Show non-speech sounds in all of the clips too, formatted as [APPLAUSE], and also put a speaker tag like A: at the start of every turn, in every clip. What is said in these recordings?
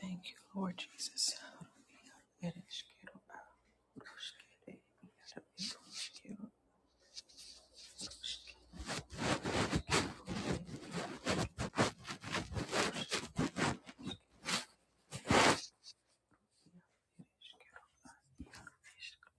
A: Thank you, Lord Jesus. Ereshkigal, Arushkele, Yaro, Ereshkigal,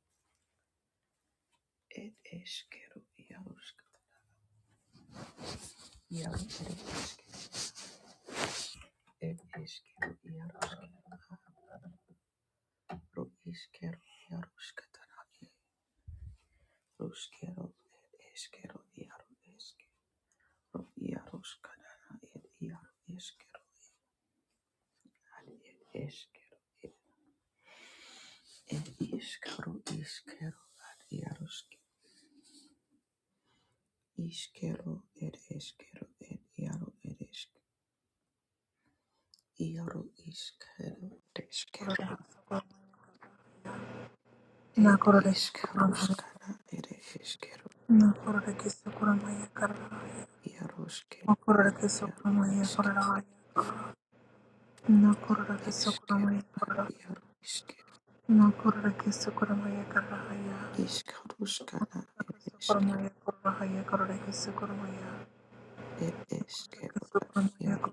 A: Ishkero ed eskero ed iaro ed esk iaro iskero eskero
B: Nakurada
A: ed iskaruskana ed eskero iaro skero ed iaro esk eskero ad iaro iskero iskaruskana ed eskero ed eskero ad iaro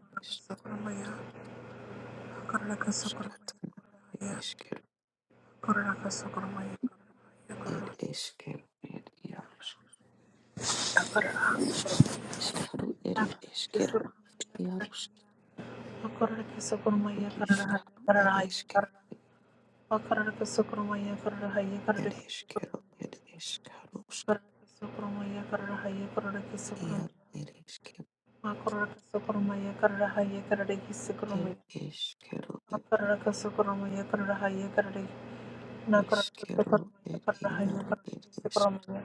A: iskaruskatana ed eskero ed eskero ed iaro iskaru ed eskero iaro
B: Akararake sukurumaya kararahaya
A: iskaru ed
B: kararahaya
A: eskero
B: karara. Akararake sukurumaya kararahaya
A: Er
B: kararake
A: iskero,
B: sukurumaya.
A: er iskarusk,
B: Akararake sukurumaya kararahaya kararake
A: iar
B: sukurumaya.
A: er iskero,
B: Akararake sukurumaya kararahaya kararake
A: er
B: sukurumaya.
A: iskero, er
B: Akararake sukurumaya kararahaya kararake Nakaraka
A: iskero,
B: Sukarmaya
A: er
B: Karahaya
A: iaro, er
B: Karahaya
A: isk,
B: Sukramaya.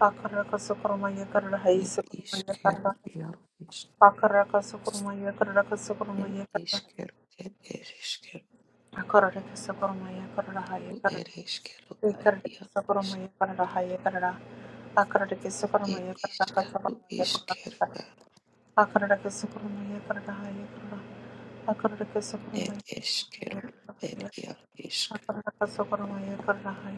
B: Akaraka Sukarmaya Karahaya
A: er
B: Sukramaya
A: iskero,
B: Karahaya.
A: iaro, isk,
B: Akaraka Sukarmaya Karaka
A: er
B: Sukarmaya Karahaya.
A: iskero, er iskero,
B: Akaraka Sukarmaya Karahaya
A: er
B: Karahaya.
A: iskero, er
B: Ekarada
A: iaro,
B: sokoroma
A: isk,
B: karada haya karada Akarada ke sokoroma
A: er
B: ekarada ka
A: iskaru,
B: sokoroma ekarada
A: iskero,
B: Akarada ke sokoroma ekarada hai ekarada. Akarada ke sokoroma
A: er
B: ekarada hai
A: iskero, er iaro, isk,
B: Akarada ka sokoroma ekarada hai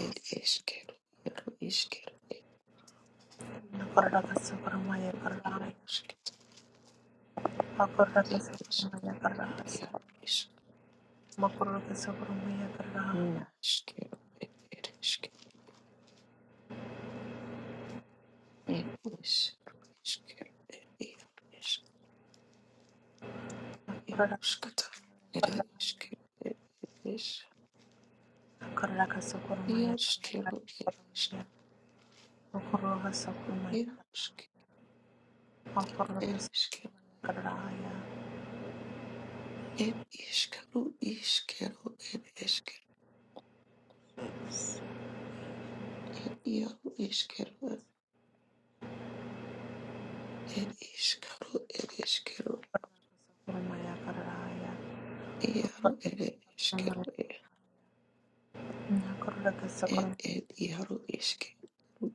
A: er iskero, iaro, iskero, er
B: Akarada ka sokoroma ekarada hai.
A: iaro, isk,
B: Akarada ka
A: er isk,
B: sokoroma ekarada
A: er
B: hai.
A: iaro, isk.
B: Makarada ke sokoroma ekarada. Akarada ke sokoroma ekarada hai. Akarada ka sokoroma ekarada
A: Nasquero, ed, ed, isque, ed, is, isquero, ed, iar, is, iar,
B: hai.
A: uscata, ere, isquero, ed, eres is, iar, isquero, ed, isque,
B: Akarada ka
A: iar, usque,
B: sokoroma
A: ere,
B: ekarada.
A: isquero,
B: Karaya
A: ed, isquero, isquero, ed, isquero,
B: fix.
A: ed, iar, isquero, ed, isquero, ed, isquero,
B: Sokurumaya Karaya.
A: iar, ere, isquero,
B: Nakuraka Sokurum.
A: ed, ed, iar, isquero,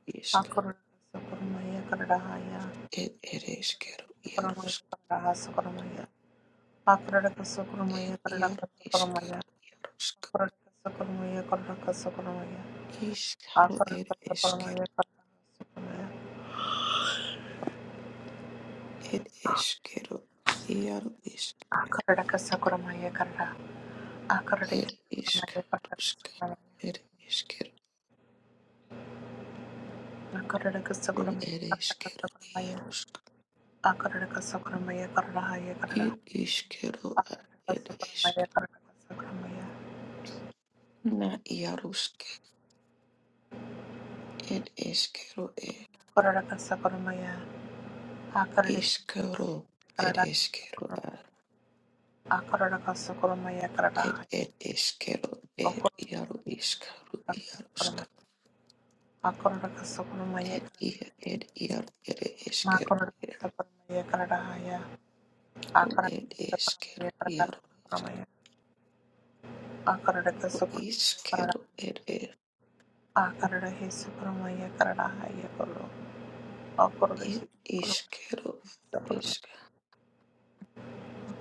A: isca,
B: Akuraka Sokurumaya Karaya.
A: ed, ere, isquero,
B: Sokurumaya Karaya Sokurumaya. Akuraka Sokurumaya
A: Ed
B: Karaka
A: iaro iskero
B: Sokurumaya.
A: iarosk
B: Akuraka Sokurumaya Karaka Sokurumaya.
A: iskaro ed
B: Akuraka
A: esker
B: Sokurumaya Karaka Sokurumaya.
A: ed eskero iaro isk
B: Akuraka Sokurumaya Karaka. Akuraka
A: ed
B: Sokurumaya Karaka
A: iskarusk
B: Sokurumaya.
A: ed eskero
B: Akararaka
A: ro
B: sakuramaya
A: ed
B: kararaka
A: eskero
B: sakuramaya.
A: rusk
B: Akararaka sakuramaya kararahaya karara.
A: ed iskero ad
B: Akararaka
A: ed isk
B: sakuramaya kararaka sakuramaya.
A: na iarusk ed eskero ed
B: Akararaka sakuramaya. Akararaka
A: iskaro ed
B: kararaka
A: eskero ad
B: sakuramaya. Akararaka sakuramaya
A: ed
B: kararahaya.
A: ed eskero ed iaro
B: Akararaka sakuramaya
A: iskaru
B: kararaka
A: iarusk
B: sakuramaya. Akararaka sakuramaya
A: ed ia
B: kararahaya.
A: ed iaro ed eskero
B: Makararaka sakuramaya kararahaya.
A: Ro ed
B: Akararaka
A: iskero
B: sakuramaya kararaka
A: iaro
B: sakuramaya. Akararaka
A: iskero
B: sakuramaya
A: iskero
B: kararahaya.
A: ed ed
B: a karara he sukuruma ya karara ha ya koro a kororo ki
A: id
B: sukuruma
A: iskero
B: sukuruma
A: isk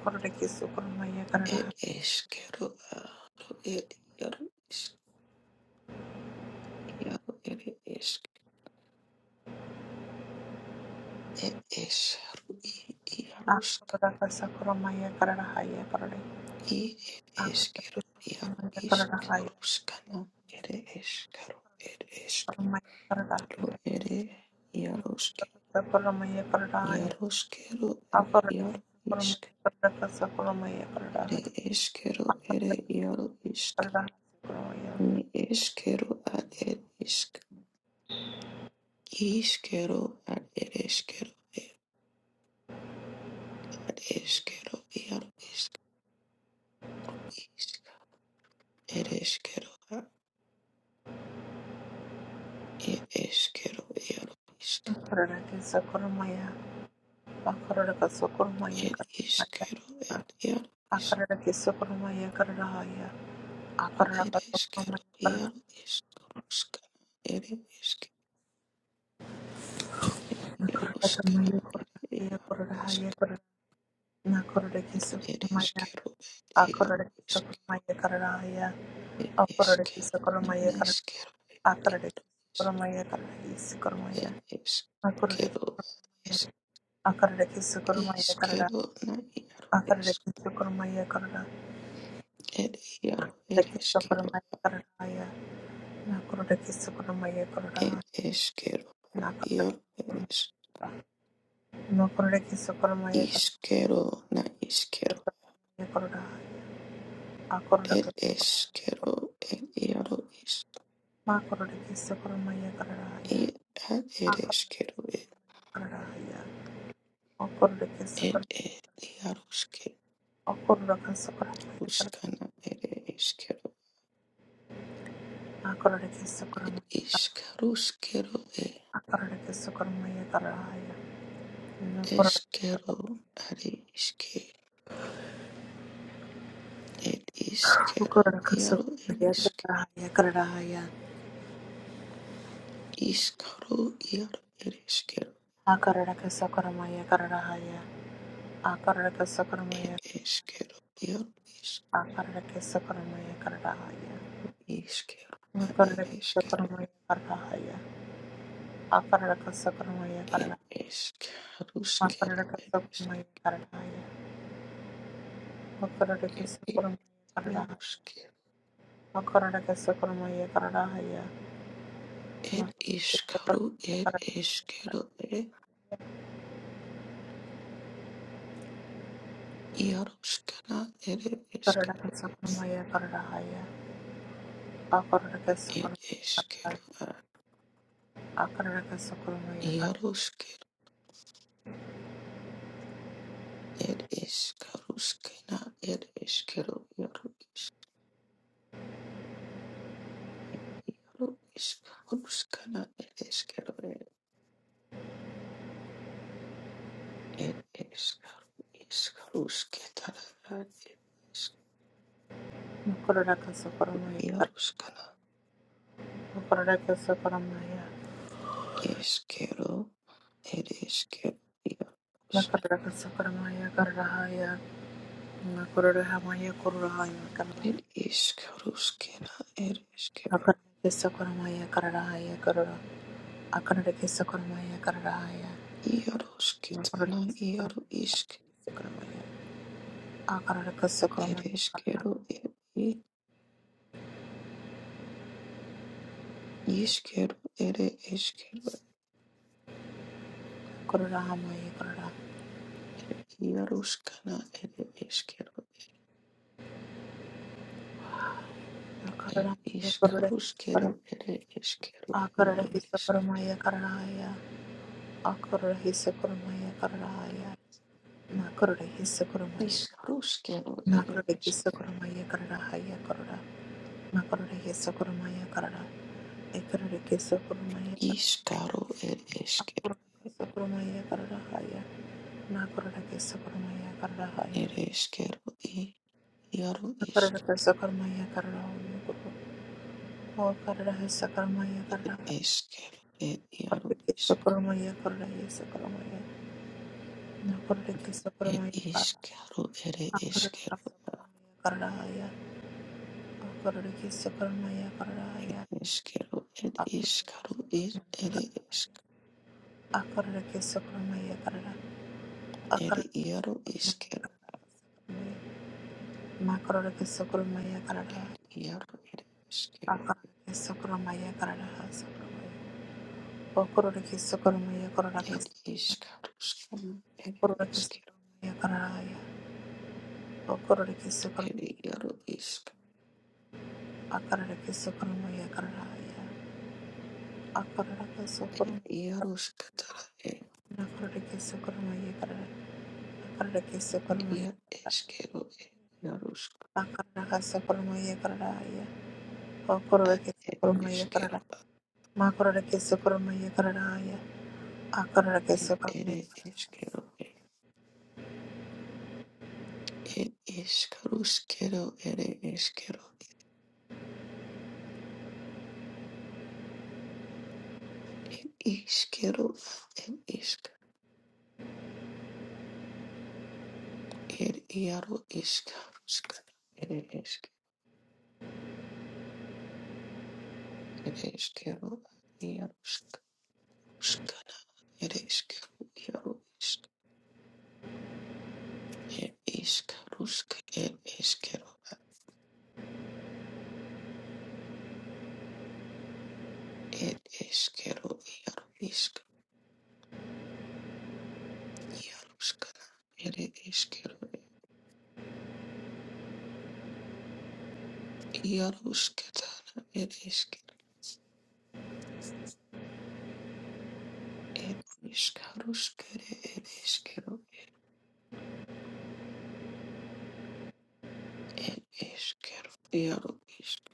B: kororo ki sukuruma ya karara
A: ed
B: ha
A: iskero aro ed iaro isk iaro ed isk ed is ro i
B: a
A: iarosk
B: kororo ka sukuruma ya karara ha ya kororo
A: i ed
B: a kororo
A: iskero
B: ki sukuruma
A: iaro
B: ya
A: isk
B: karara ha ya
A: roskano ed iskero ed isk
B: sukuruma ya karara ha
A: ro
B: ya
A: ed iarosk
B: sukuruma ya karara ha ya
A: iaroskero
B: a
A: a
B: kororo ki
A: iaro
B: sukuruma
A: isk
B: ya karara ka sukuruma ya
A: ed
B: karara ha a kororo ki sukuruma
A: iskero ed e iaro isk Ni eskero ad ed isk iskero ad ed eskero ad eskero iaro isk isk ed eskero ad ed eskero iaro isk ed iskero ad iaro isk
B: akarara kesokoromaya kararahaya akarara
A: ed eskero
B: kasokoromaya kararara
A: iaro isk ruska ed isk ed iaro
B: kasomaya
A: skana
B: korarahaya
A: iaro
B: korarahaya
A: isk
B: korarahaya nakorara
A: ed
B: kesokoromaya
A: eskero ad iaro
B: akorara
A: isk
B: kesokoromaya kararahaya
A: ed
B: akorara
A: eskero nan
B: kesokoromaya kararahaya
A: eskero
B: akarara kesokoromaya kararahaya sekoromaya
A: It is
B: akorara
A: quero, es
B: kesokoromaya akarara kesokoromaya
A: is
B: karara
A: quero, na iaro
B: akarara
A: es,
B: kesokoromaya karara
A: et iaro
B: akarara
A: eres quero,
B: kesokoromaya kararahaya nakorara kesokoromaya
A: et
B: kararahaya
A: es quero, iaro eres,
B: nakorara kesokoromaya
A: is quero, na is
B: Akarada
A: quero, et es quero, et iaro is, et ad eres quero, et et et iaro sque, ruscana ere es quero, et is carus quero, et es quero, are is que, et is quero, iaro eres Iskaro ir ereskero ed eskero ir is iskero ad ereskero
B: akararaka sakaramaye
A: ed
B: karara
A: eskaruskero
B: akararaka
A: ed
B: sakaramaye kararahaye akararaka sakaramaye kararahaye
A: iaruskero
B: akararaka sakaramaye kararahaye
A: ed
B: akararaka
A: iskaru ed eskero ed iaruskana ed eskero
B: sakaramaye kararahaye akararaka
A: ed
B: sakaramaye kararahaye
A: eskero ad
B: akararaka sakaramaye kararahaye
A: iaruskero ed eskaruskana ed eskero iaru isk iaru iskaruskana ed eskero ed ed Escarusquetará,
B: akararaka sakaramaye kararahaye akararaka sakaramaye kararahaye
A: Yaruscana,
B: akararaka sakaramaye akararaka sakaramaye kararahaye akararaka sakaramaye kararahaye
A: Esquero, Eresquero,
B: akararaka sakaramaye kararahaye
A: Escarusquena, Eresquero,
B: Akarake sokoramaya kararahaya karara. Akarake sokoramaya kararahaya.
A: Yarusquetana,
B: Akarake
A: Yaru
B: sokoramaya
A: Isk,
B: kararahaya sokoramaya. Akarake sokoramaya karara.
A: Eresquero, Isquero, Ere Esquero,
B: Kararahamaya karara.
A: Yaruscana, Ere Esquero,
B: Akararamaya kararahe sokoram.
A: Escarusquero, Ere Esquero, Yaru
B: Akararahe
A: Isk,
B: sokoramaya kararahaya. Akararahe sokoramaya kararahaya. Nakararahe sokoramaya.
A: Iscarusquero, Ere
B: Nakararahe
A: Esquero,
B: sokoramaya kararahaya karara. Nakararahe sokoramaya karara. Ekararahe sokoramaya karara.
A: Iscaro,
B: Akararahe sokoramaya kararahaya. na karara kesa karamaya karara hai
A: It is kettle e yaru
B: na karara
A: isk
B: kesa karamaya karara ho yo koro kesa karamaya
A: it
B: karara hai
A: is kettle it yaru
B: kesa
A: isk
B: karamaya karara yesa karamaya na karara kesa
A: it
B: karamaya
A: is
B: karara
A: kettle it
B: a
A: is
B: karara
A: kettle
B: kesa karamaya karara hai a karara kesa karamaya karara hai
A: it is kettle it
B: a
A: is
B: karara
A: kettle
B: kesa
A: it
B: karamaya
A: it
B: karara
A: is
B: hai a karara kesa karamaya karara a
A: it
B: karara kesa karamaya karara kesa
A: yaru is
B: karamaya
A: kettle
B: na karara kesa karamaya karara hai
A: it yaru it is
B: a
A: kettle
B: karara kesa karamaya karara hai Okorora kisu koromaya korora
A: it
B: kasa.
A: is kettle skum it
B: Korora
A: is
B: kisu koromaya karaya. Okorora kisu
A: kettle it
B: koromaya
A: yaru
B: karaya.
A: isk
B: Akarara kisu koromaya karaya. Akarara kisu koromaya.
A: yaru skatara it
B: Nakorora kisu koromaya karaya. Akarara kisu koromaya karaya.
A: yar is kettle it yaru
B: Akarara kisu koromaya karaya. Okorora kisu
A: it is
B: koromaya karaya.
A: kettle
B: Makorora kisu koromaya karaya. Akarara kisu koromaya karaya. Makorora kisu karaya.
A: it it is kettle El iscarusquero, el isquero, isquero, el isca, el iaro iscarusca, el isca, el isquero, iaruscaruscara, el isquero, iaro isca, el iscarusca, el isquero, el isquero, iaro isca, iaruscara, el isquero, iaruscatara, el isquero, el iscarusquere, el isquero. It is quero iaro isk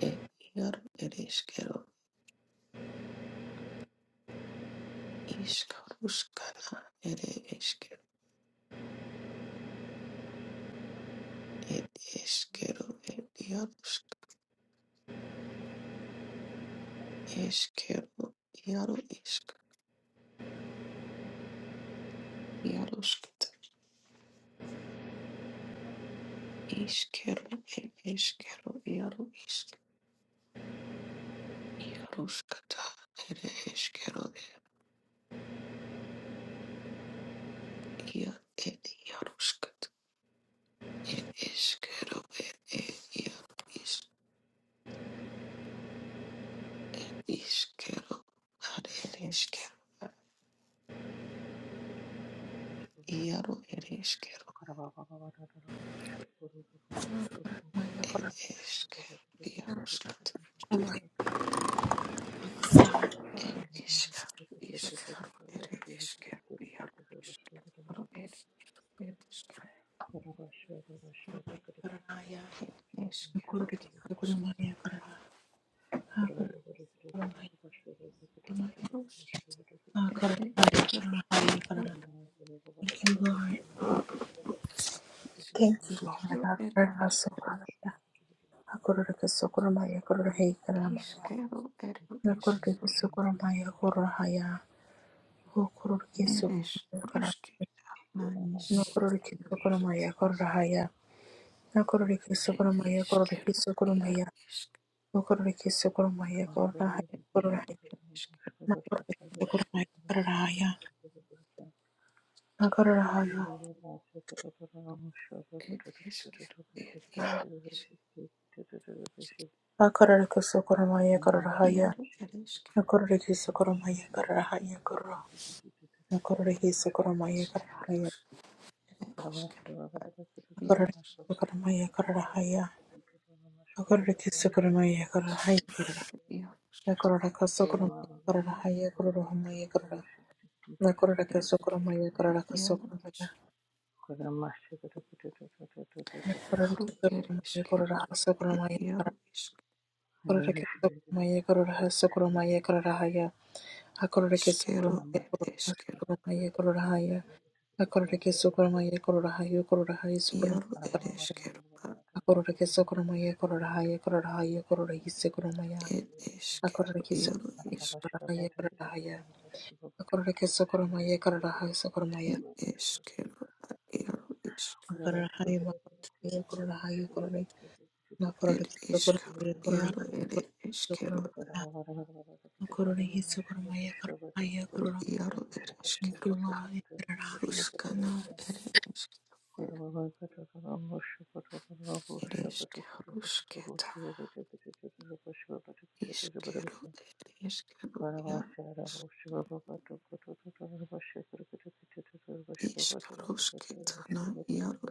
A: et iaro it is quero iscaruscana it is quero it is quero et iarusc is quero iaro isc iaruscat is quero it is quero iaro isc iaruscata it is quero et iar et iaruscat it is quero et et iaro isc is quero ad it is quero iaro ed eskero
C: Thank
A: It is Karubiaruskut. It is Karubiaruskut. It is Karubiaruskut. It is Karubiaruskut. It is
B: Okorora kisu
A: Karubiaruskut.
B: karaya. Thank you, Lord. Thank
A: It is Karubiaruskut.
B: you,
A: It is Iskero,
B: Lord.
A: it
B: Akarara sokoramaya. Akororeke sokoramaya. Akororehei karamaya.
A: is
B: Nakororeke
A: Kero,
B: sokoramaya. Akororahaya.
C: you.
B: Okororeke
A: it is
B: sokoramaya.
A: Ruski,
B: Akaramaya.
C: Thank
A: Nanis,
B: Nakororeke
A: Yarus,
B: sokoramaya. Akororahaya. Nakororeke
A: it
B: sokoramaya.
A: is
B: Akororeke
A: Kero,
B: sokoramaya.
A: Yarusk,
B: Okororeke sokoramaya. Akororahaya.
A: it is Caribbean. it is
B: Akororahaya. Nakororeke sokoramaya. Akororahaya.
A: Kero, it is Kero, it Yaru,
B: Akararakoso koromaya kararahaya.
A: Iaro eresker,
B: Akararakiso koromaya kararahaya koro. Akararakiso koromaya
A: esker,
B: kararahaya.
A: esker, iaros, iaros,
B: Akararakiso koromaya kararahaya. Akararakiso
C: you.
B: koromaya
A: esker,
B: kararahaya koro.
A: iaro, eskero,
B: Akararakaso
C: Thank
B: koromaya kararahaya kororomaya koro. Akararakaso
A: ereskero,
B: koromaya kararakaso
A: iaro,
B: koromaya.
A: iskero,
B: Akararakiso koromaya
A: ereskero,
B: kararakaso koromaya koro.
A: iaro, ereskero,
B: Akararakiso koromaya kararakaso koromaya kararahaya. Akararakiso koromaya kararakaso
A: ereskero,
B: koromaya kararahaya. Akorora keso koroma ye korora ha ye korora ha yeso koroma Akorora keso koroma ye korora ha ye korora ha ya Akorora keso
A: iaro, isk,
B: koroma ye korora ha ye korora ha ya Akorora keso koroma ye korora ha yeso koroma ya
C: you.
A: ereskero, iaro, isk,
B: Akorora ha
C: Karabaşlara
B: ye ma ye korora ha ye korora
A: ereskero, iaro, ereskero,
B: ya Akorora hisse koroma
A: iaro,
B: Thank
A: ereskero,
B: you Lord Yekororahai
A: ruskana, ereskero. Ereshkigaroshketa, ishkero, ereshkero, yaro,
C: boşu
A: ishkaroshketa, na, yaro,
C: baba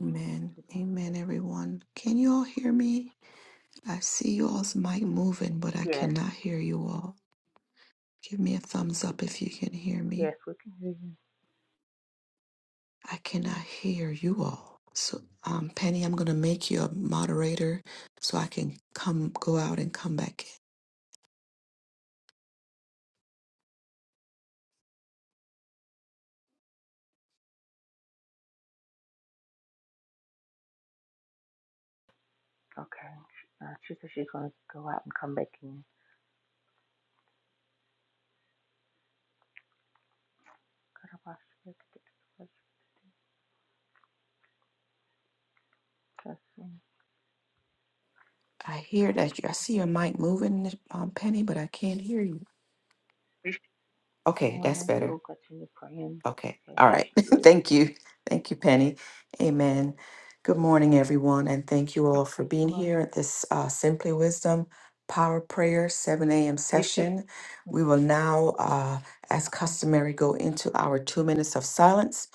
A: Amen. Amen, everyone. Can you all hear me? I see you all's mic moving, but I
C: Yes,
A: cannot hear you all. Give me a thumbs up if you can hear
C: yes,
A: me.
C: we can hear you.
A: I cannot hear you all. So, um, Penny, I'm going to make you a moderator so I can come go out and come back
C: Okay. Uh, she says she's going to go out and come back in.
A: in. I hear that you, I
C: Good
A: see your mic moving, um, Penny, but I can't hear you. Okay, that's
C: morning.
A: better.
C: We'll continue praying.
A: Okay.
C: Okay,
A: All
C: there
A: right. [LAUGHS]
C: she is.
A: Thank you. Thank you, Penny. Amen. Good morning, everyone, and thank you all for
C: Okay, T.
A: being
C: Marie.
A: here at this uh, Simply Wisdom Power Prayer 7 a.m.
C: You still?
A: session. We
C: mhm.
A: will now, uh, as customary, go into our two minutes of silence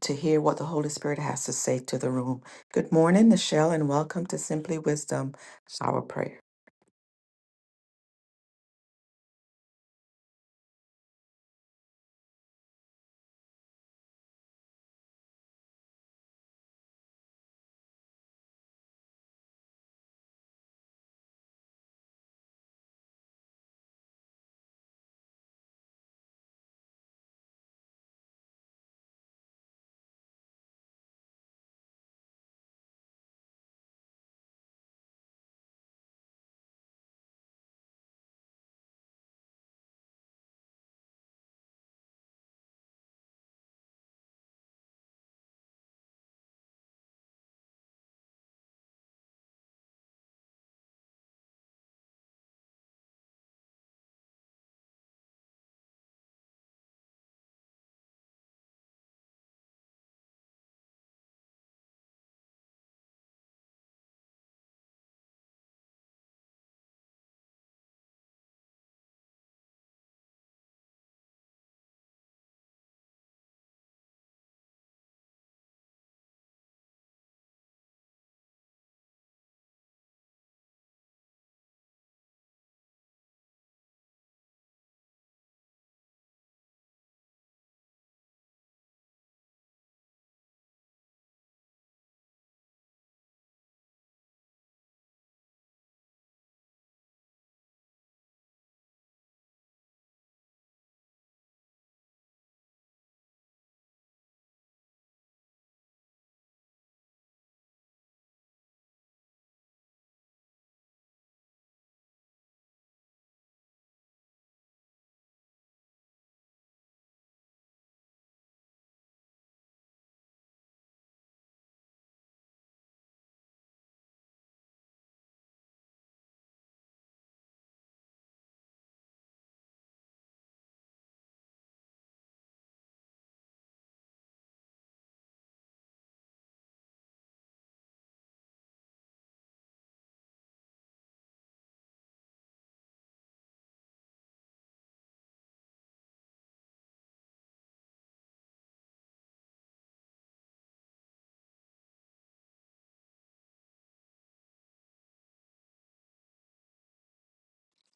A: to hear what the Holy Spirit has to say to the room. Good morning, Michelle, and welcome to Simply Wisdom Power Prayer.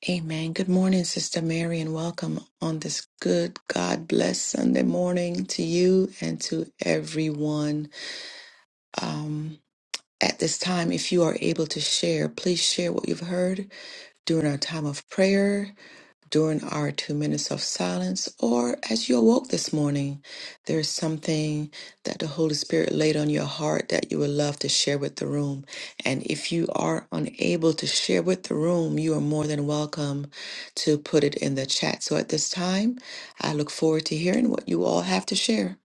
A: Amen. Good morning, Sister Mary, and welcome on this good God bless Sunday morning to you and to everyone. Um, at this time, if you are able to share, please share what you've heard during our time of prayer during our two minutes of silence or as you awoke this morning, there is something that the Holy Spirit laid on your heart that you would love to share with the room. And if you are unable to share with the room, you are more than welcome to put it in the chat. So at this time, I look forward to hearing what you all have to share.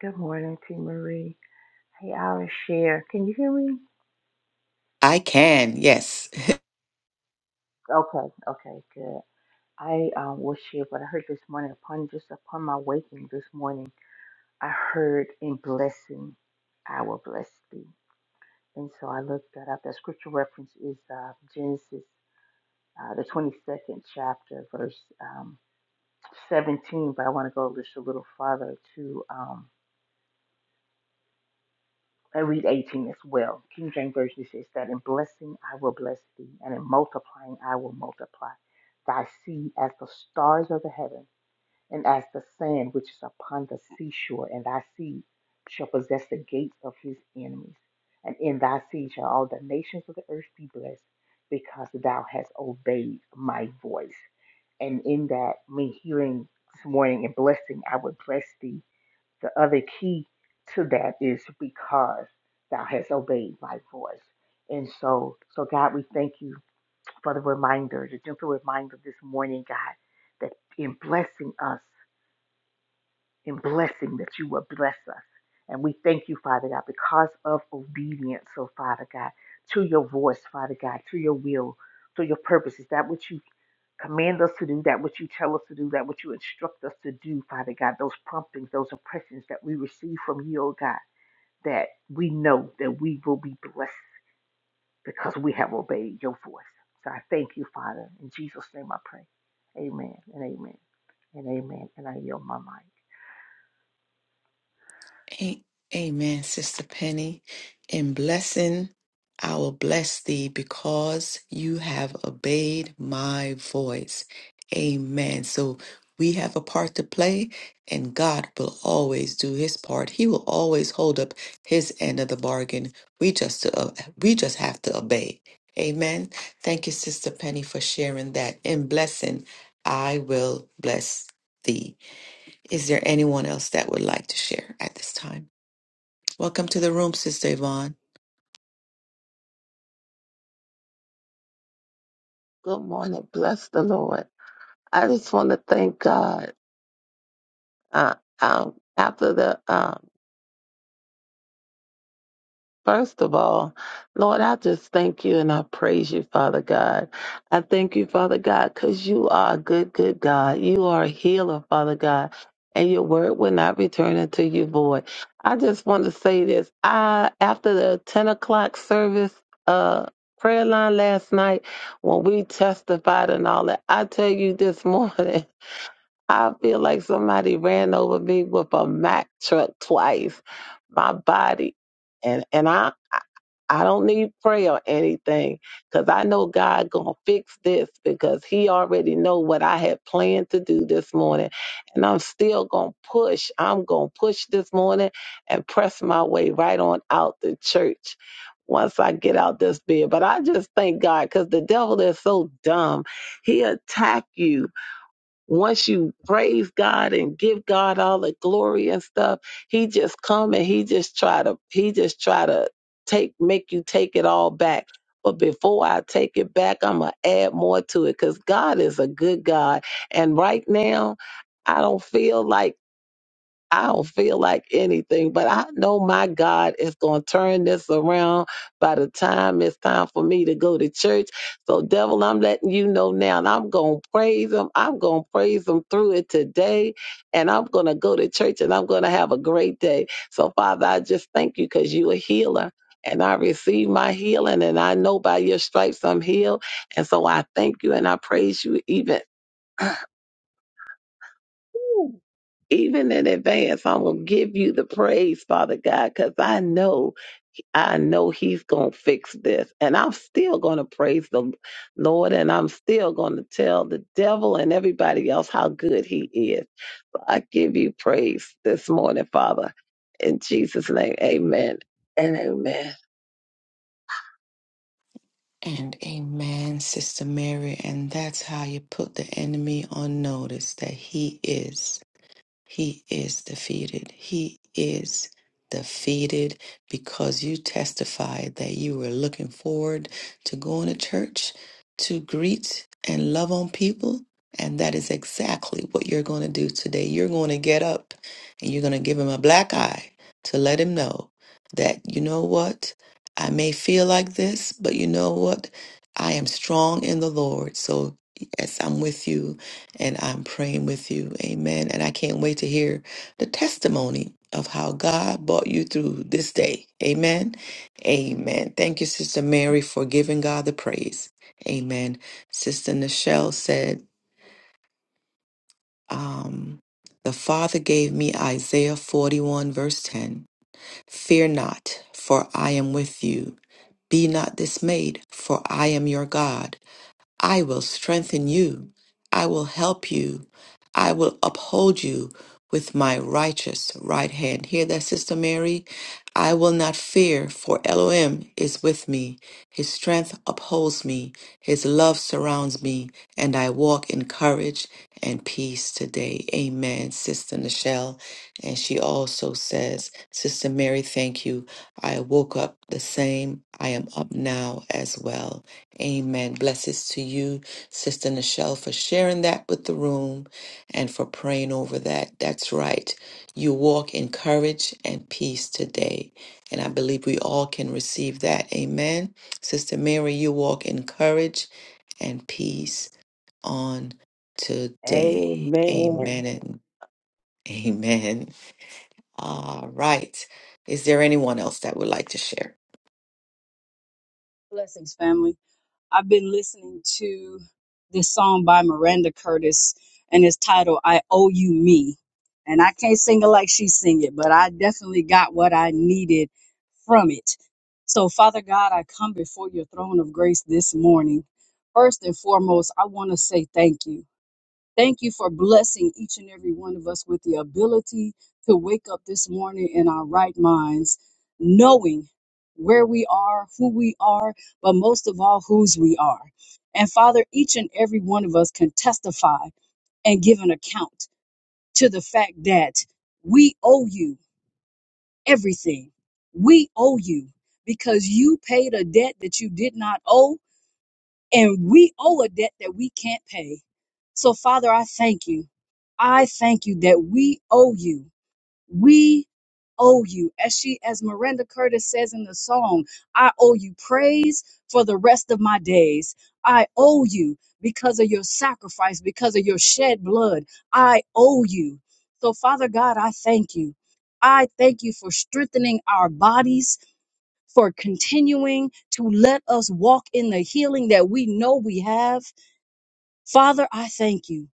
C: Good morning, T. Marie. Hey, I'll share. Can you hear me?
A: I can, yes.
C: Okay, okay, good. I um, will share what I heard this morning upon just upon my waking this morning. I heard in blessing, I will bless thee. And so I looked that up. That scripture reference is uh, Genesis, uh, the 22nd chapter, verse um, 17. But I want to go just a little farther to um, I read 18 as well. King James Version says that in blessing I will bless thee, and in multiplying I will multiply thy seed as the stars of the heaven. and as the sand which is upon the seashore, and thy seed shall possess the gates of his enemies. And in thy seed shall all the nations of the earth be blessed, because thou hast obeyed my voice. And in that, me hearing this morning and blessing, I would bless thee. The other key to that is because thou hast obeyed my voice. And so, so God, we thank you for the reminder, the gentle reminder this morning, God, that in blessing us in blessing that you will bless us. And we thank you, Father God, because of obedience, oh Father God, to your voice, Father God, to your will, to your purposes, that which you command us to do, that which you tell us to do, that which you instruct us to do, Father God, those promptings, those impressions that we receive from you, oh God, that we know that we will be blessed because we have obeyed your voice. So I thank you, Father. In Jesus' name I pray. Amen and amen and amen. And I yield my mind.
A: A- Amen, Sister Penny. In blessing, I will bless thee because you have obeyed my voice. Amen. So we have a part to play, and God will always do His part. He will always hold up His end of the bargain. We just to, uh, we just have to obey. Amen. Thank you, Sister Penny, for sharing that. In blessing, I will bless thee. Is there anyone else that would like to share at this time? Welcome to the room, Sister Yvonne.
D: Good morning. Bless the Lord. I just want to thank God. Uh, um, after the, um, first of all, Lord, I just thank you and I praise you, Father God. I thank you, Father God, because you are a good, good God. You are a healer, Father God, and your word will not return unto you void. I just want to say this. I, after the 10 o'clock service, uh, prayer line last night when we testified and all that, I tell you this [LAUGHS] morning. I feel like somebody ran over me with a Mack truck twice. My body, and and I I I don't need prayer or anything, cause I know God gonna fix this because He already know what I had planned to do this morning, and I'm still gonna push. I'm gonna push this morning and press my way right on out the church. Once I get out this bed, but I just thank God because the devil is so dumb. He attack you once you praise God and give God all the glory and stuff, he just come and he just try to he just try to take make you take it all back. But before I take it back, I'm gonna add more to it because God is a good God. And right now, I don't feel like I don't feel like anything, but I know my God is going to turn this around by the time it's time for me to go to church. So, devil, I'm letting you know now, and I'm going to praise him. I'm going to praise him through it today, and I'm going to go to church and I'm going to have a great day. So, Father, I just thank you because you're a healer. And I receive my healing, and I know by your stripes I'm healed. And so I thank you and I praise you even Woo. Even in advance, I'm going to give you the praise, Father God, because I know, I know He's going to fix this. And I'm still going to praise the Lord and I'm still going to tell the devil and everybody else how good He is. So I give you praise this morning, Father. In Jesus' name, amen and amen.
A: And amen, Sister Mary. And that's how you put the enemy on notice that he is. He is defeated. He is defeated because you testified that you were looking forward to going to church to greet and love on people. And that is exactly what you're going to do today. You're going to get up and you're going to give him a black eye to let him know that, you know what? I may feel like this, but you know what? I am strong in the Lord. So, yes, I'm with you and I'm praying with you. Amen. And I can't wait to hear the testimony of how God brought you through this day. Amen. Amen. Thank you, Sister Mary, for giving God the praise. Amen. Sister Nichelle said, um, The Father gave me Isaiah 41, verse 10. Fear not, for I am with you. Be not dismayed, for I am your God. I will strengthen you. I will help you. I will uphold you with my righteous right hand. Hear that, Sister Mary? I will not fear, for Elohim is with me. His strength upholds me. His love surrounds me, and I walk in courage and peace today. Amen, Sister Nichelle. And she also says, Sister Mary, thank you. I woke up the same. I am up now as well. Amen. Blessings to you, Sister Nichelle, for sharing that with the room and for praying over that. That's right. You walk in courage and peace today. And I believe we all can receive that. Amen. Sister Mary, you walk in courage and peace on today.
D: Amen.
A: Amen and [LAUGHS] amen. All right. Is there anyone else that would like to share?
E: Blessings, family. I've been listening to this song by Miranda Curtis, and it's titled I Owe You Me. And I can't sing it like she sing it, but I definitely got what I needed from it. So, Father God, I come before your throne of grace this morning. First and foremost, I want to say thank you. Thank you for blessing each and every one of us with the ability to wake up this morning in our right minds, knowing where we are, who we are, but most of all, whose we are. And Father, each and every one of us can testify and give an account to the fact that we owe you everything. We owe you because you paid a debt that you did not owe and we owe a debt that we can't pay. So, Father, I thank you. I thank you that we owe you. We owe you. As she, as Miranda Curtis says in the song, I owe you praise for the rest of my days. I owe you because of your sacrifice, because of your shed blood. I owe you. So, Father God, I thank you. I thank you for strengthening our bodies for continuing to let us walk in the healing that we know we have. Father, I thank you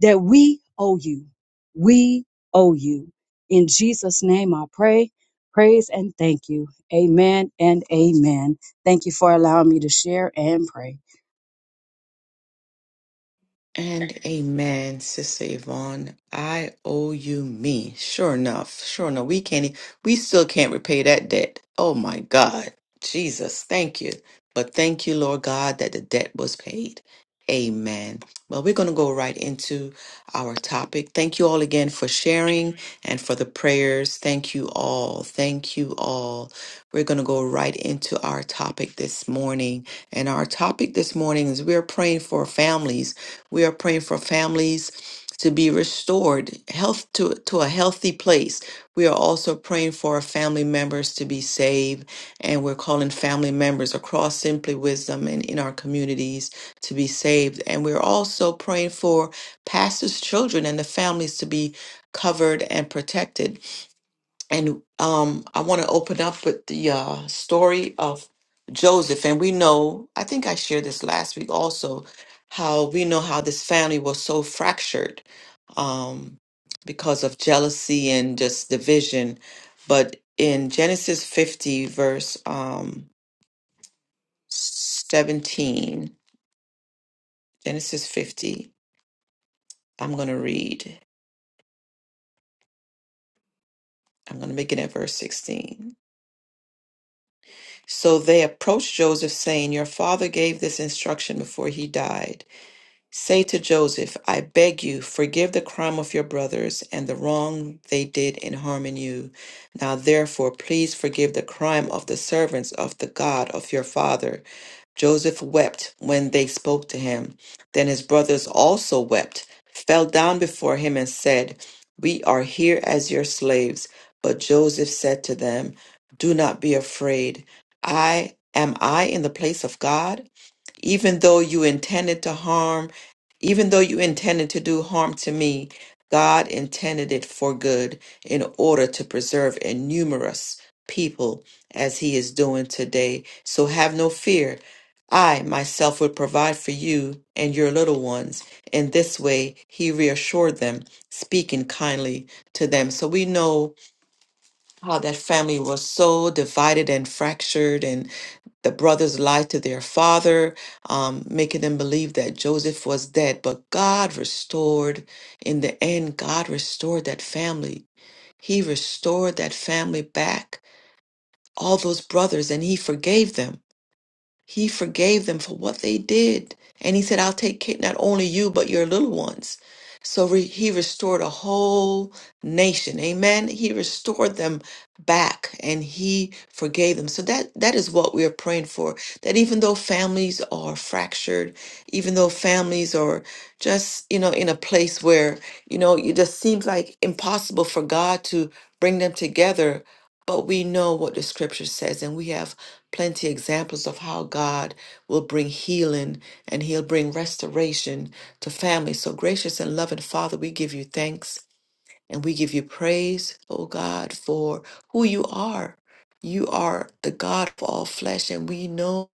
E: that we owe you. We owe you. In Jesus' name I pray, praise, and thank you. Amen and amen. Thank you for allowing me to share and pray.
A: And amen, Sister Yvonne. I owe you me. Sure enough. Sure enough. We can't, e- we still can't repay that debt. Oh my God. Jesus, thank you. But thank you, Lord God, that the debt was paid. Amen. Well, we're going to go right into our topic. Thank you all again for sharing and for the prayers. Thank you all. Thank you all. We're going to go right into our topic this morning. And our topic this morning is we're praying for families we are praying for families to be restored, health to, to a healthy place. We are also praying for our family members to be saved, and we're calling family members across Simply Wisdom and in our communities to be saved. And we're also praying for pastors' children and the families to be covered and protected and um, I want to open up with the uh, story of Joseph. And we know, I think I shared this last week also, how we know how this family was so fractured um, because of jealousy and just division. But in Genesis 50, verse um, 17, Genesis 50, I'm going to read, I'm going to begin at verse 16. So they approached Joseph, saying, Your father gave this instruction before he died. Say to Joseph, I beg you, forgive the crime of your brothers and the wrong they did in harming you. Now, therefore, please forgive the crime of the servants of the God of your father Joseph wept when they spoke to him. Then his brothers also wept, fell down before him, and said, We are here as your slaves. But Joseph said to them, Do not be afraid. I am I in the place of God? even though you intended to harm, even though you intended to do harm to me, God intended it for good in order to preserve a numerous people as he is doing today. So have no fear. I myself will provide for you and your little ones. In this way, he reassured them, speaking kindly to them. So we know how that family was so divided and fractured and the brothers lied to their father um, making them believe that joseph was dead but god restored in the end god restored that family he restored that family back all those brothers and he forgave them he forgave them for what they did. And he said, I'll take care not only you, but your little ones. So re- he restored a whole nation. Amen. He restored them back and he forgave them. So that, that is what we are praying for. That even though families are fractured, even though families are just, you know, in a place where, you know, it just seems like impossible for God to bring them together. But we know what the scripture says and we have plenty examples of how God will bring healing and he'll bring restoration to families. So gracious and loving Father, we give you thanks and we give you praise, oh God, for who you are. You are the God of all flesh and we know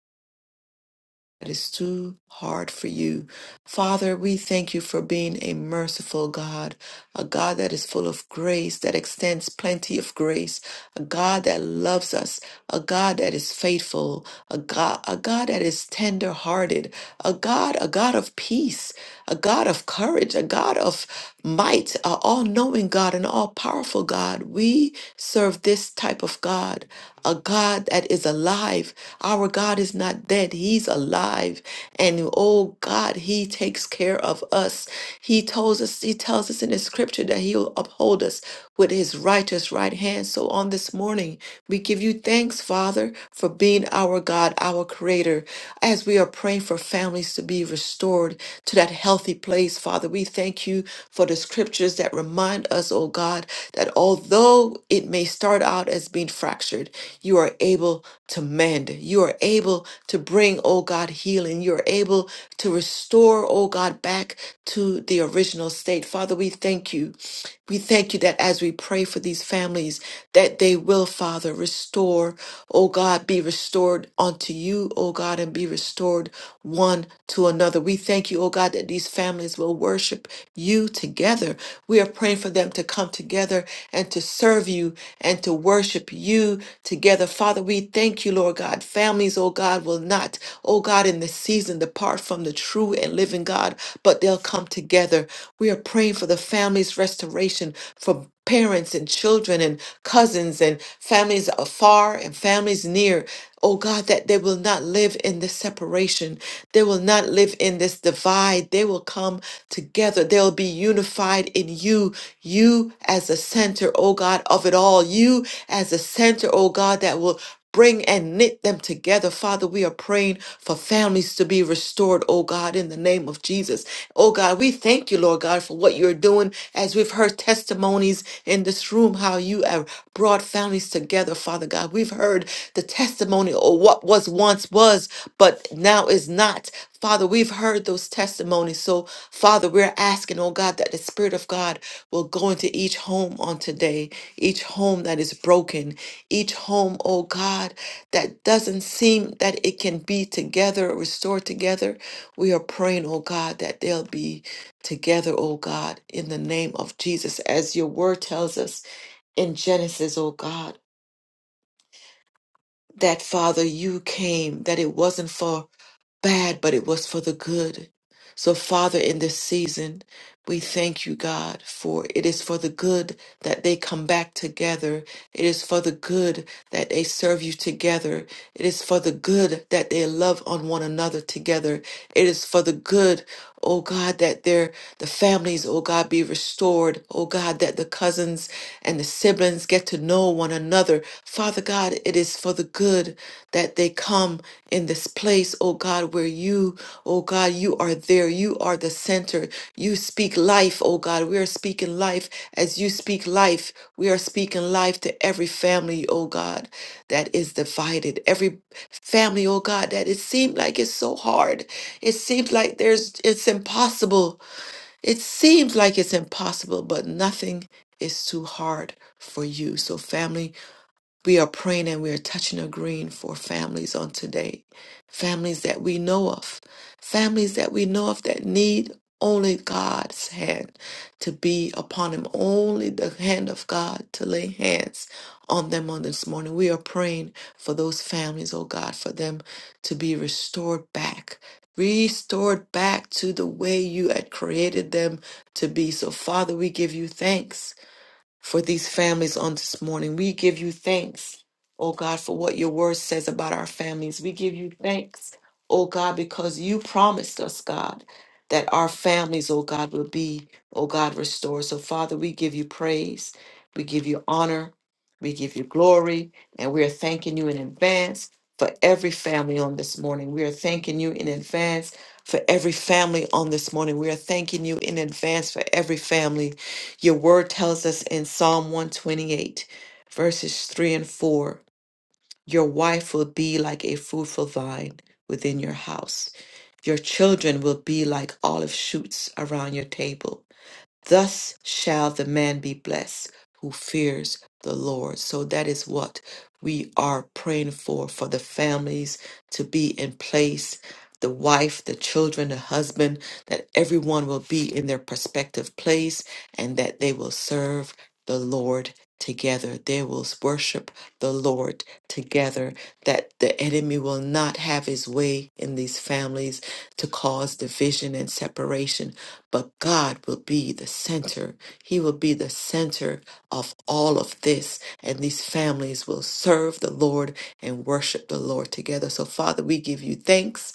A: that is too hard for you. Father, we thank you for being a merciful God, a God that is full of grace, that extends plenty of grace, a God that loves us, a God that is faithful, a God, a God that is tender hearted, a God, a God of peace, a God of courage, a God of might, all knowing knowing God, an all powerful God. We serve this type of God, a God that is alive. Our God is not dead, He's alive. And oh God, He takes care of us. He tells us, He tells us in His scripture that He'll uphold us with His righteous right hand. So on this morning, we give you thanks, Father, for being our God, our Creator. As we are praying for families to be restored to that healthy place, Father, we thank you for the scriptures that remind us, oh God, that although it may start out as being fractured, you are able to mend. You are able to bring, oh God, healing. You are able to restore, oh God, back to the original state. Father, we thank you. We thank you that as we pray for these families, that they will, Father, restore, oh God, be restored unto you, oh God, and be restored one to another. We thank you, oh God, that these families will worship you together. We are praying for them to come together and to serve you and to worship you together. Father, we thank you, Lord God. Families, oh God, will not, oh God, in this season depart from the true and living God, but they'll come together. We are praying for the family's restoration, for parents and children and cousins and families afar and families near. Oh God, that they will not live in this separation. They will not live in this divide. They will come together. They'll be unified in you, you as the center, oh God, of it all. You as the center, oh God, that will Bring and knit them together. Father, we are praying for families to be restored, oh God, in the name of Jesus. Oh God, we thank you, Lord God, for what you're doing as we've heard testimonies in this room, how you have brought families together, Father God. We've heard the testimony of what was once was, but now is not. Father, we've heard those testimonies. So, Father, we're asking, oh God, that the Spirit of God will go into each home on today, each home that is broken, each home, oh God, that doesn't seem that it can be together, restored together. We are praying, oh God, that they'll be together, oh God, in the name of Jesus, as your word tells us in Genesis, oh God. That Father, you came, that it wasn't for bad, but it was for the good. So, Father, in this season, we thank you, God, for it is for the good that they come back together. It is for the good that they serve you together. It is for the good that they love on one another together. It is for the good, oh God, that their the families, oh God, be restored. Oh God, that the cousins and the siblings get to know one another. Father God, it is for the good that they come in this place, oh God, where you, oh God, you are there. You are the center. You speak life, oh God. We are speaking life as you speak life. We are speaking life to every family, oh God, that is divided. Every family, oh God, that it seemed like it's so hard. It seems like there's it's impossible. It seems like it's impossible, but nothing is too hard for you. So family, we are praying and we are touching and agreeing for families on today. Families that we know of. Families that we know of that need only God's hand to be upon them. Only the hand of God to lay hands on them on this morning. We are praying for those families, oh God, for them to be restored back. Restored back to the way you had created them to be. So, Father, we give you thanks for these families on this morning. We give you thanks, oh God, for what your word says about our families. We give you thanks, oh God, because you promised us, God, that our families, oh God, will be, oh God, restored. So, Father, we give you praise, we give you honor, we give you glory, and we are thanking you in advance. For every family on this morning, we are thanking you in advance. For every family on this morning, we are thanking you in advance for every family your word tells us in Psalm 128, verses 3 and 4 Your wife will be like a fruitful vine within your house, your children will be like olive shoots around your table. Thus shall the man be blessed who fears the Lord. So that is what we are praying for for the families to be in place, the wife, the children, the husband, that everyone will be in their prospective place and that they will serve the Lord together. They will worship the Lord together, that the enemy will not have his way in these families to cause division and separation but God will be the center. He will be the center of all of this. And these families will serve the Lord and worship the Lord together. So, Father, we give you thanks.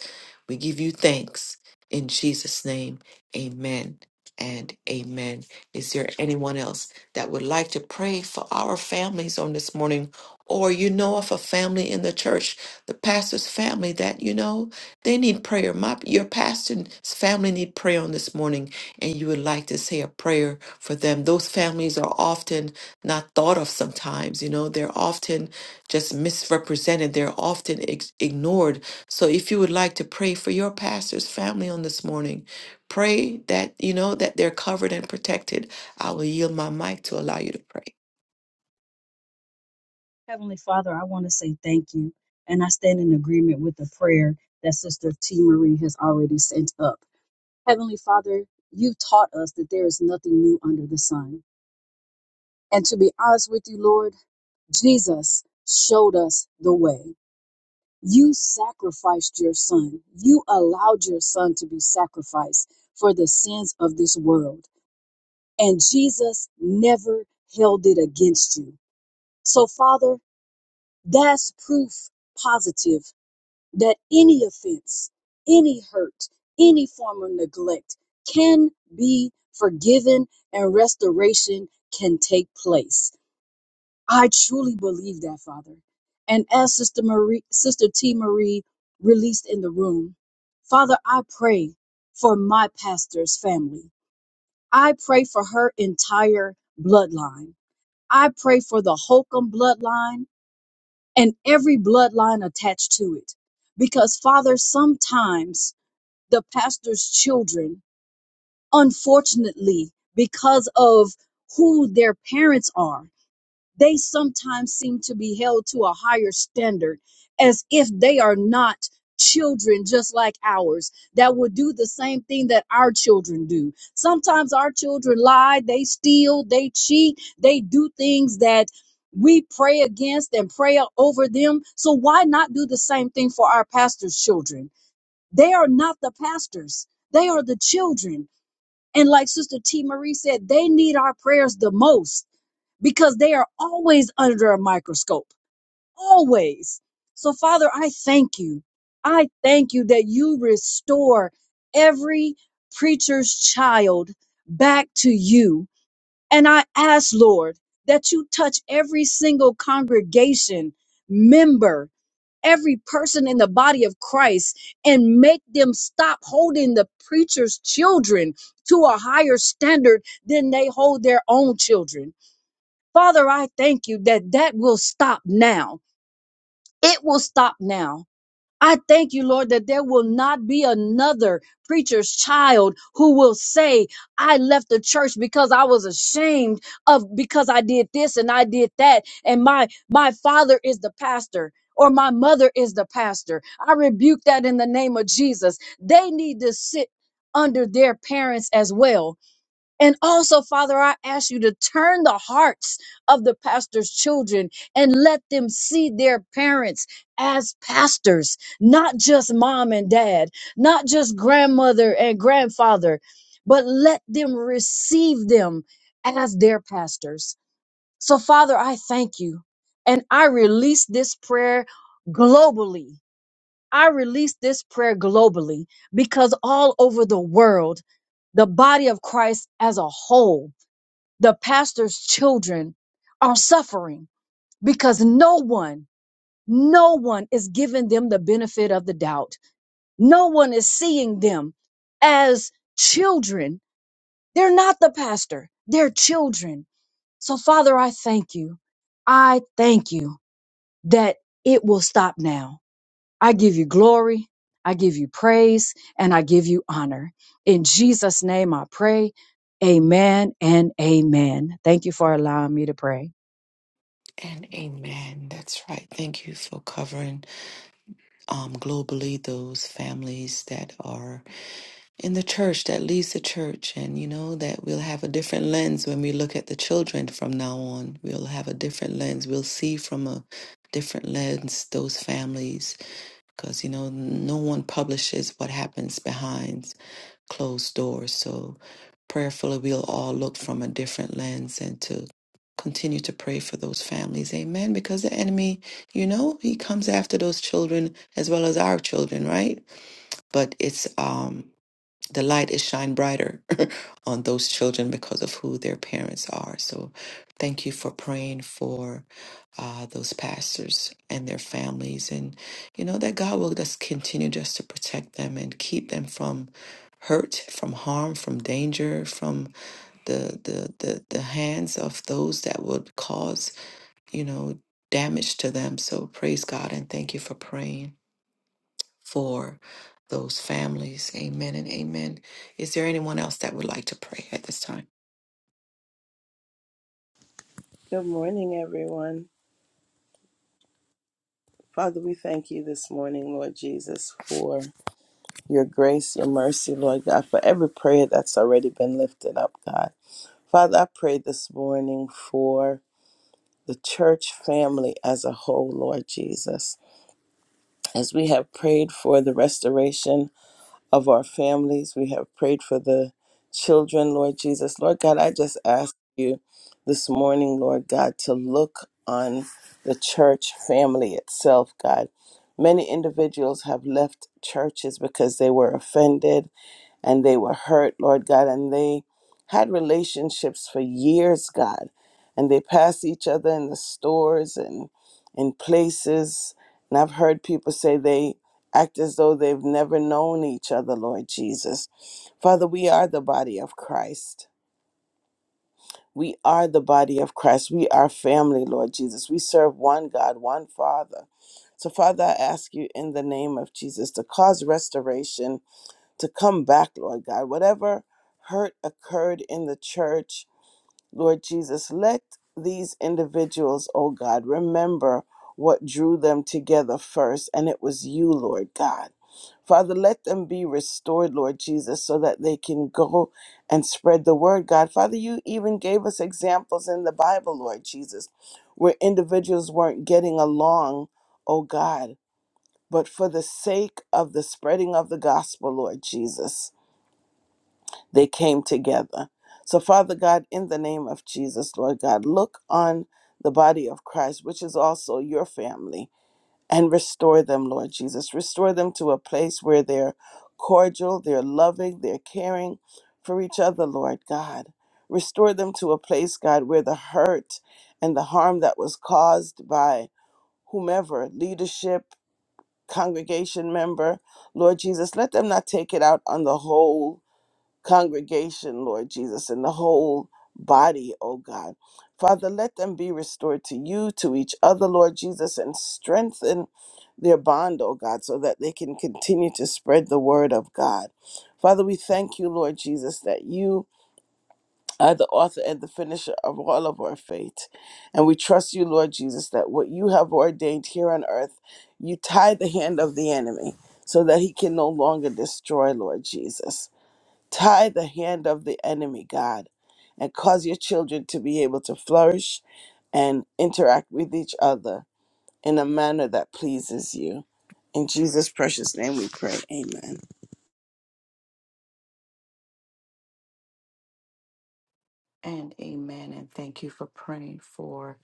A: We give you thanks. In Jesus' name, amen and amen. Is there anyone else that would like to pray for our families on this morning? Or you know of a family in the church, the pastor's family that you know? They need prayer. My your pastor's family need prayer on this morning, and you would like to say a prayer for them. Those families are often not thought of sometimes, you know, they're often just misrepresented, they're often ex- ignored. So if you would like to pray for your pastor's family on this morning, pray that you know that they're covered and protected. I will yield my mic to allow you to pray.
E: Heavenly Father, I want to say thank you. And I stand in agreement with the prayer that Sister T. Marie has already sent up. Heavenly Father, you taught us that there is nothing new under the sun. And to be honest with you, Lord, Jesus showed us the way. You sacrificed your son. You allowed your son to be sacrificed for the sins of this world. And Jesus never held it against you. So, Father, that's proof positive that any offense, any hurt, any form of neglect can be forgiven and restoration can take place. I truly believe that, Father. And as Sister Marie, Sister T. Marie released in the room, Father, I pray for my pastor's family. I pray for her entire bloodline. I pray for the Holcomb bloodline and every bloodline attached to it. Because, Father, sometimes the pastor's children, unfortunately, because of who their parents are, they sometimes seem to be held to a higher standard as if they are not children just like ours that would do the same thing that our children do. Sometimes our children lie, they steal, they cheat, they do things that we pray against and pray over them. So why not do the same thing for our pastor's children? They are not the pastors. They are the children. And like Sister T. Marie said, they need our prayers the most because they are always under a microscope, always. So, Father, I thank you. I thank you that you restore every preacher's child back to you. And I ask, Lord, that you touch every single congregation member, every person in the body of Christ, and make them stop holding the preacher's children to a higher standard than they hold their own children Father, I thank you that that will stop now. It will stop now. I thank you, Lord, that there will not be another preacher's child who will say, I left the church because I was ashamed of because I did this and I did that. And my my father is the pastor or my mother is the pastor. I rebuke that in the name of Jesus. They need to sit under their parents as well and also, Father, I ask you to turn the hearts of the pastor's children and let them see their parents as pastors, not just mom and dad, not just grandmother and grandfather, but let them receive them as their pastors. So, Father, I thank you. And I release this prayer globally I release this prayer globally because all over the world, the body of Christ as a whole, the pastor's children are suffering because no one, no one is giving them the benefit of the doubt. No one is seeing them as children. They're not the pastor, they're children. So, Father, I thank you. I thank you that it will stop now I give you glory. I give you praise and I give you honor. In Jesus' name I pray. Amen and amen. Thank you for allowing me to pray.
A: And amen. That's right. Thank you for covering um globally those families that are in the church that leads the church and you know that we'll have a different lens when we look at the children from now on we'll have a different lens we'll see from a different lens those families because you know no one publishes what happens behind closed doors so prayerfully we'll all look from a different lens and to continue to pray for those families amen because the enemy you know he comes after those children as well as our children right but it's um the light is shine brighter [LAUGHS] on those children because of who their parents are. So, thank you for praying for uh, those pastors and their families, and you know that God will just continue just to protect them and keep them from hurt, from harm, from danger, from the the the, the hands of those that would cause you know damage to them. So, praise God and thank you for praying for those families. Amen and amen. Is there anyone else that would like to pray at this time?
F: Good morning, everyone. Father, we thank you this morning, Lord Jesus, for your grace, your mercy, Lord God, for every prayer that's already been lifted up, God. Father, I pray this morning for the church family as a whole, Lord Jesus. As we have prayed for the restoration of our families. We have prayed for the children, Lord Jesus. Lord God, I just ask you this morning, Lord God, to look on the church family itself, God. Many individuals have left churches because they were offended and they were hurt, Lord God, and they had relationships for years, God, and they passed each other in the stores and in places. And I've heard people say they act as though they've never known each other, Lord Jesus. Father, we are the body of Christ. We are the body of Christ. We are family, Lord Jesus. We serve one God, one Father. So, Father, I ask you in the name of Jesus to cause restoration to come back, Lord God. Whatever hurt occurred in the church, Lord Jesus, let these individuals, oh God, remember what drew them together first, and it was you, Lord God. Father, let them be restored, Lord Jesus, so that they can go and spread the word, God. Father, you even gave us examples in the Bible, Lord Jesus, where individuals weren't getting along, oh God, but for the sake of the spreading of the gospel, Lord Jesus they came together. So, Father God, in the name of Jesus, Lord God, look on the body of Christ, which is also your family, and restore them, Lord Jesus. Restore them to a place where they're cordial, they're loving, they're caring for each other, Lord God. Restore them to a place, God, where the hurt and the harm that was caused by whomever, leadership, congregation member, Lord Jesus, let them not take it out on the whole congregation, Lord Jesus, and the whole body, oh God. Father, let them be restored to you, to each other, Lord Jesus, and strengthen their bond, oh God, so that they can continue to spread the word of God. Father, we thank you, Lord Jesus, that you are the author and the finisher of all of our faith. And we trust you, Lord Jesus, that what you have ordained here on earth, you tie the hand of the enemy so that he can no longer destroy, Lord Jesus. Tie the hand of the enemy, God, and cause your children to be able to flourish and interact with each other in a manner that pleases you. In Jesus' precious name we pray. Amen.
A: And amen. And thank you for praying for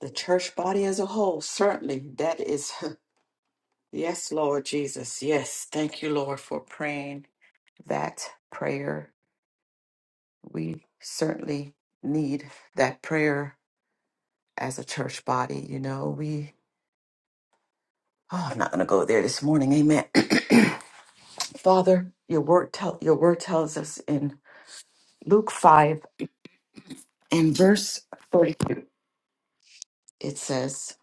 A: the church body as a whole. Certainly, that is, [LAUGHS] yes, Lord Jesus. Yes. Thank you, Lord, for praying that prayer. We certainly need that prayer as a church body. You know, we, oh, I'm not going to go there this morning. Amen. [CLEARS THROAT] Father, your word, tell, your word tells us in Luke 5 In verse 42, it says,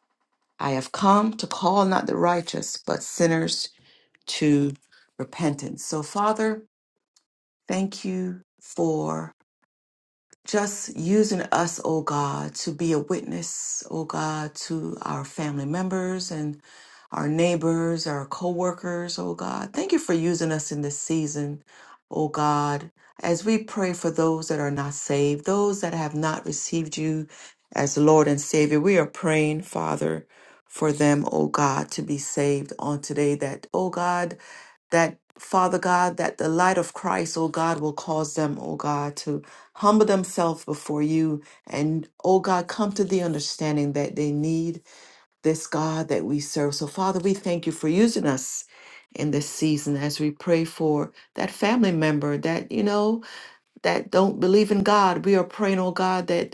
A: I have come to call not the righteous, but sinners to repentance. So, Father, thank you for. just using us, oh God, to be a witness, oh God, to our family members and our neighbors, our coworkers, oh God. Thank you for using us in this season, oh God, as we pray for those that are not saved, those that have not received you as Lord and Savior. We are praying, Father, for them, oh God, to be saved on today that, oh God, that Father God, that the light of Christ, oh God, will cause them, oh God, to humble themselves before you and, oh God, come to the understanding that they need this God that we serve. So, Father, we thank you for using us in this season as we pray for that family member that, you know, that don't believe in God. We are praying, oh God, that.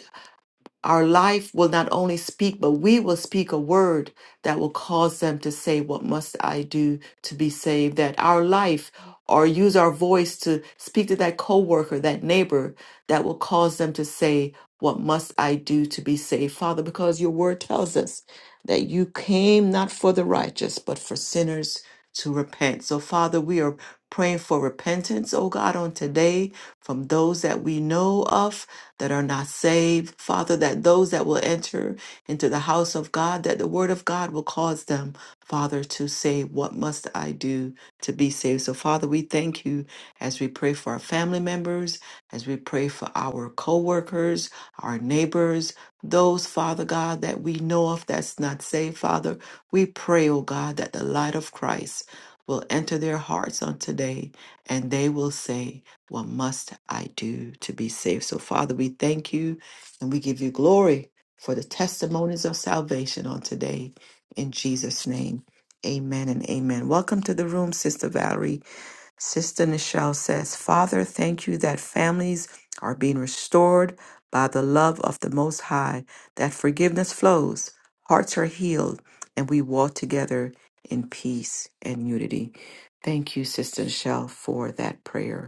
A: Our life will not only speak, but we will speak a word that will cause them to say, What must I do to be saved? That our life or use our voice to speak to that coworker, that neighbor, that will cause them to say, What must I do to be saved? Father, because your word tells us that you came not for the righteous, but for sinners to repent. So, Father, we are praying for repentance, oh God, on today from those that we know of that are not saved, Father, that those that will enter into the house of God, that the word of God will cause them, Father, to say, What must I do to be saved? So, Father, we thank you as we pray for our family members, as we pray for our co workers, our neighbors, those, Father God, that we know of that's not saved, Father. We pray, O God, that the light of Christ will enter their hearts on today and they will say, what must I do to be saved? So, Father, we thank you and we give you glory for the testimonies of salvation on today. In Jesus' name, amen and amen. Welcome to the room, Sister Valerie. Sister Nichelle says, Father, thank you that families are being restored by the love of the Most High, that forgiveness flows, hearts are healed, and we walk together in peace and unity. Thank you, Sister Nichelle, for that prayer.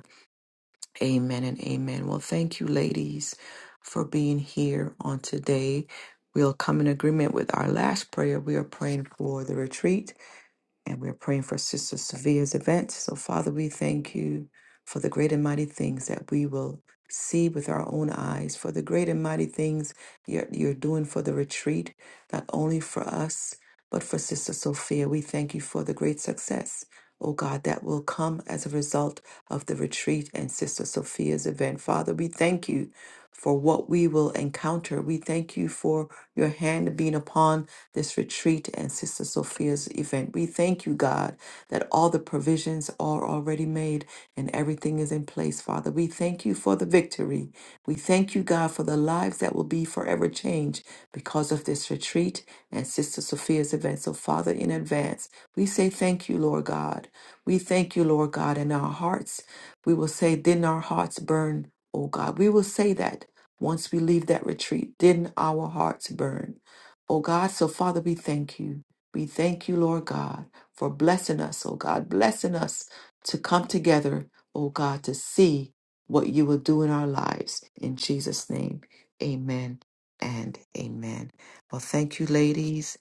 A: Amen and amen. Well, thank you, ladies, for being here on today. We'll come in agreement with our last prayer. We are praying for the retreat and we're praying for Sister Sophia's event. So, Father, we thank you for the great and mighty things that we will see with our own eyes, for the great and mighty things you're, you're doing for the retreat, not only for us, but for Sister Sophia. We thank you for the great success, oh God, that will come as a result of the retreat and Sister Sophia's event. Father, we thank you for what we will encounter. We thank you for your hand being upon this retreat and Sister Sophia's event. We thank you, God, that all the provisions are already made and everything is in place, Father. We thank you for the victory. We thank you, God, for the lives that will be forever changed because of this retreat and Sister Sophia's event. So, Father, in advance, we say thank you, Lord God. We thank you, Lord God, in our hearts we will say, Didn't our hearts burn, O God? We will say that once we leave that retreat. Didn't our hearts burn, O God? So, Father, we thank you. We thank you, Lord God, for blessing us, O God, blessing us to come together, O God, to see what you will do in our lives. In Jesus' name, amen and amen. Well, thank you, ladies.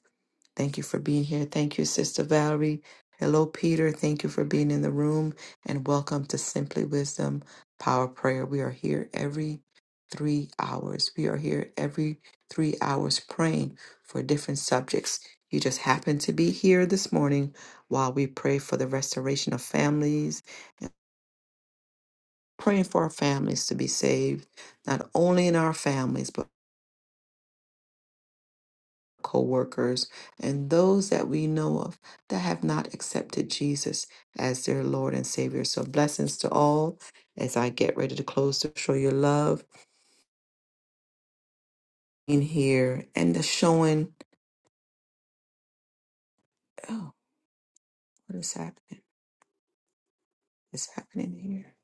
A: Thank you for being here. Thank you, Sister Valerie. Hello, Peter. Thank you for being in the room and welcome to Simply Wisdom Power Prayer. We are here every three hours. We are here every three hours praying for different subjects. You just happen to be here this morning while we pray for the restoration of families, praying for our families to be saved, not only in our families, but co-workers and those that we know of that have not accepted Jesus as their Lord and Savior. So blessings to all as I get ready to close to show your love in here and the showing oh what is happening? It's happening here.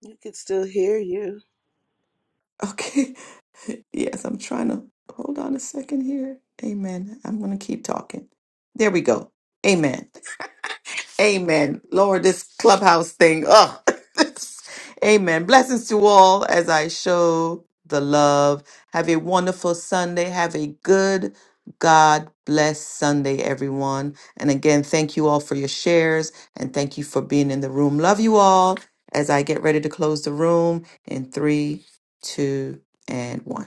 F: You can still hear you.
A: Okay. [LAUGHS] Yes, I'm trying to hold on a second here. Amen. I'm gonna keep talking. There we go. Amen. Amen. Lord, this clubhouse thing. Oh, [LAUGHS] amen. Blessings to all as I show the love. Have a wonderful Sunday. Have a good God bless Sunday, everyone. And again, thank you all for your shares and thank you for being in the room. Love you all as I get ready to close the room in three, two, and one.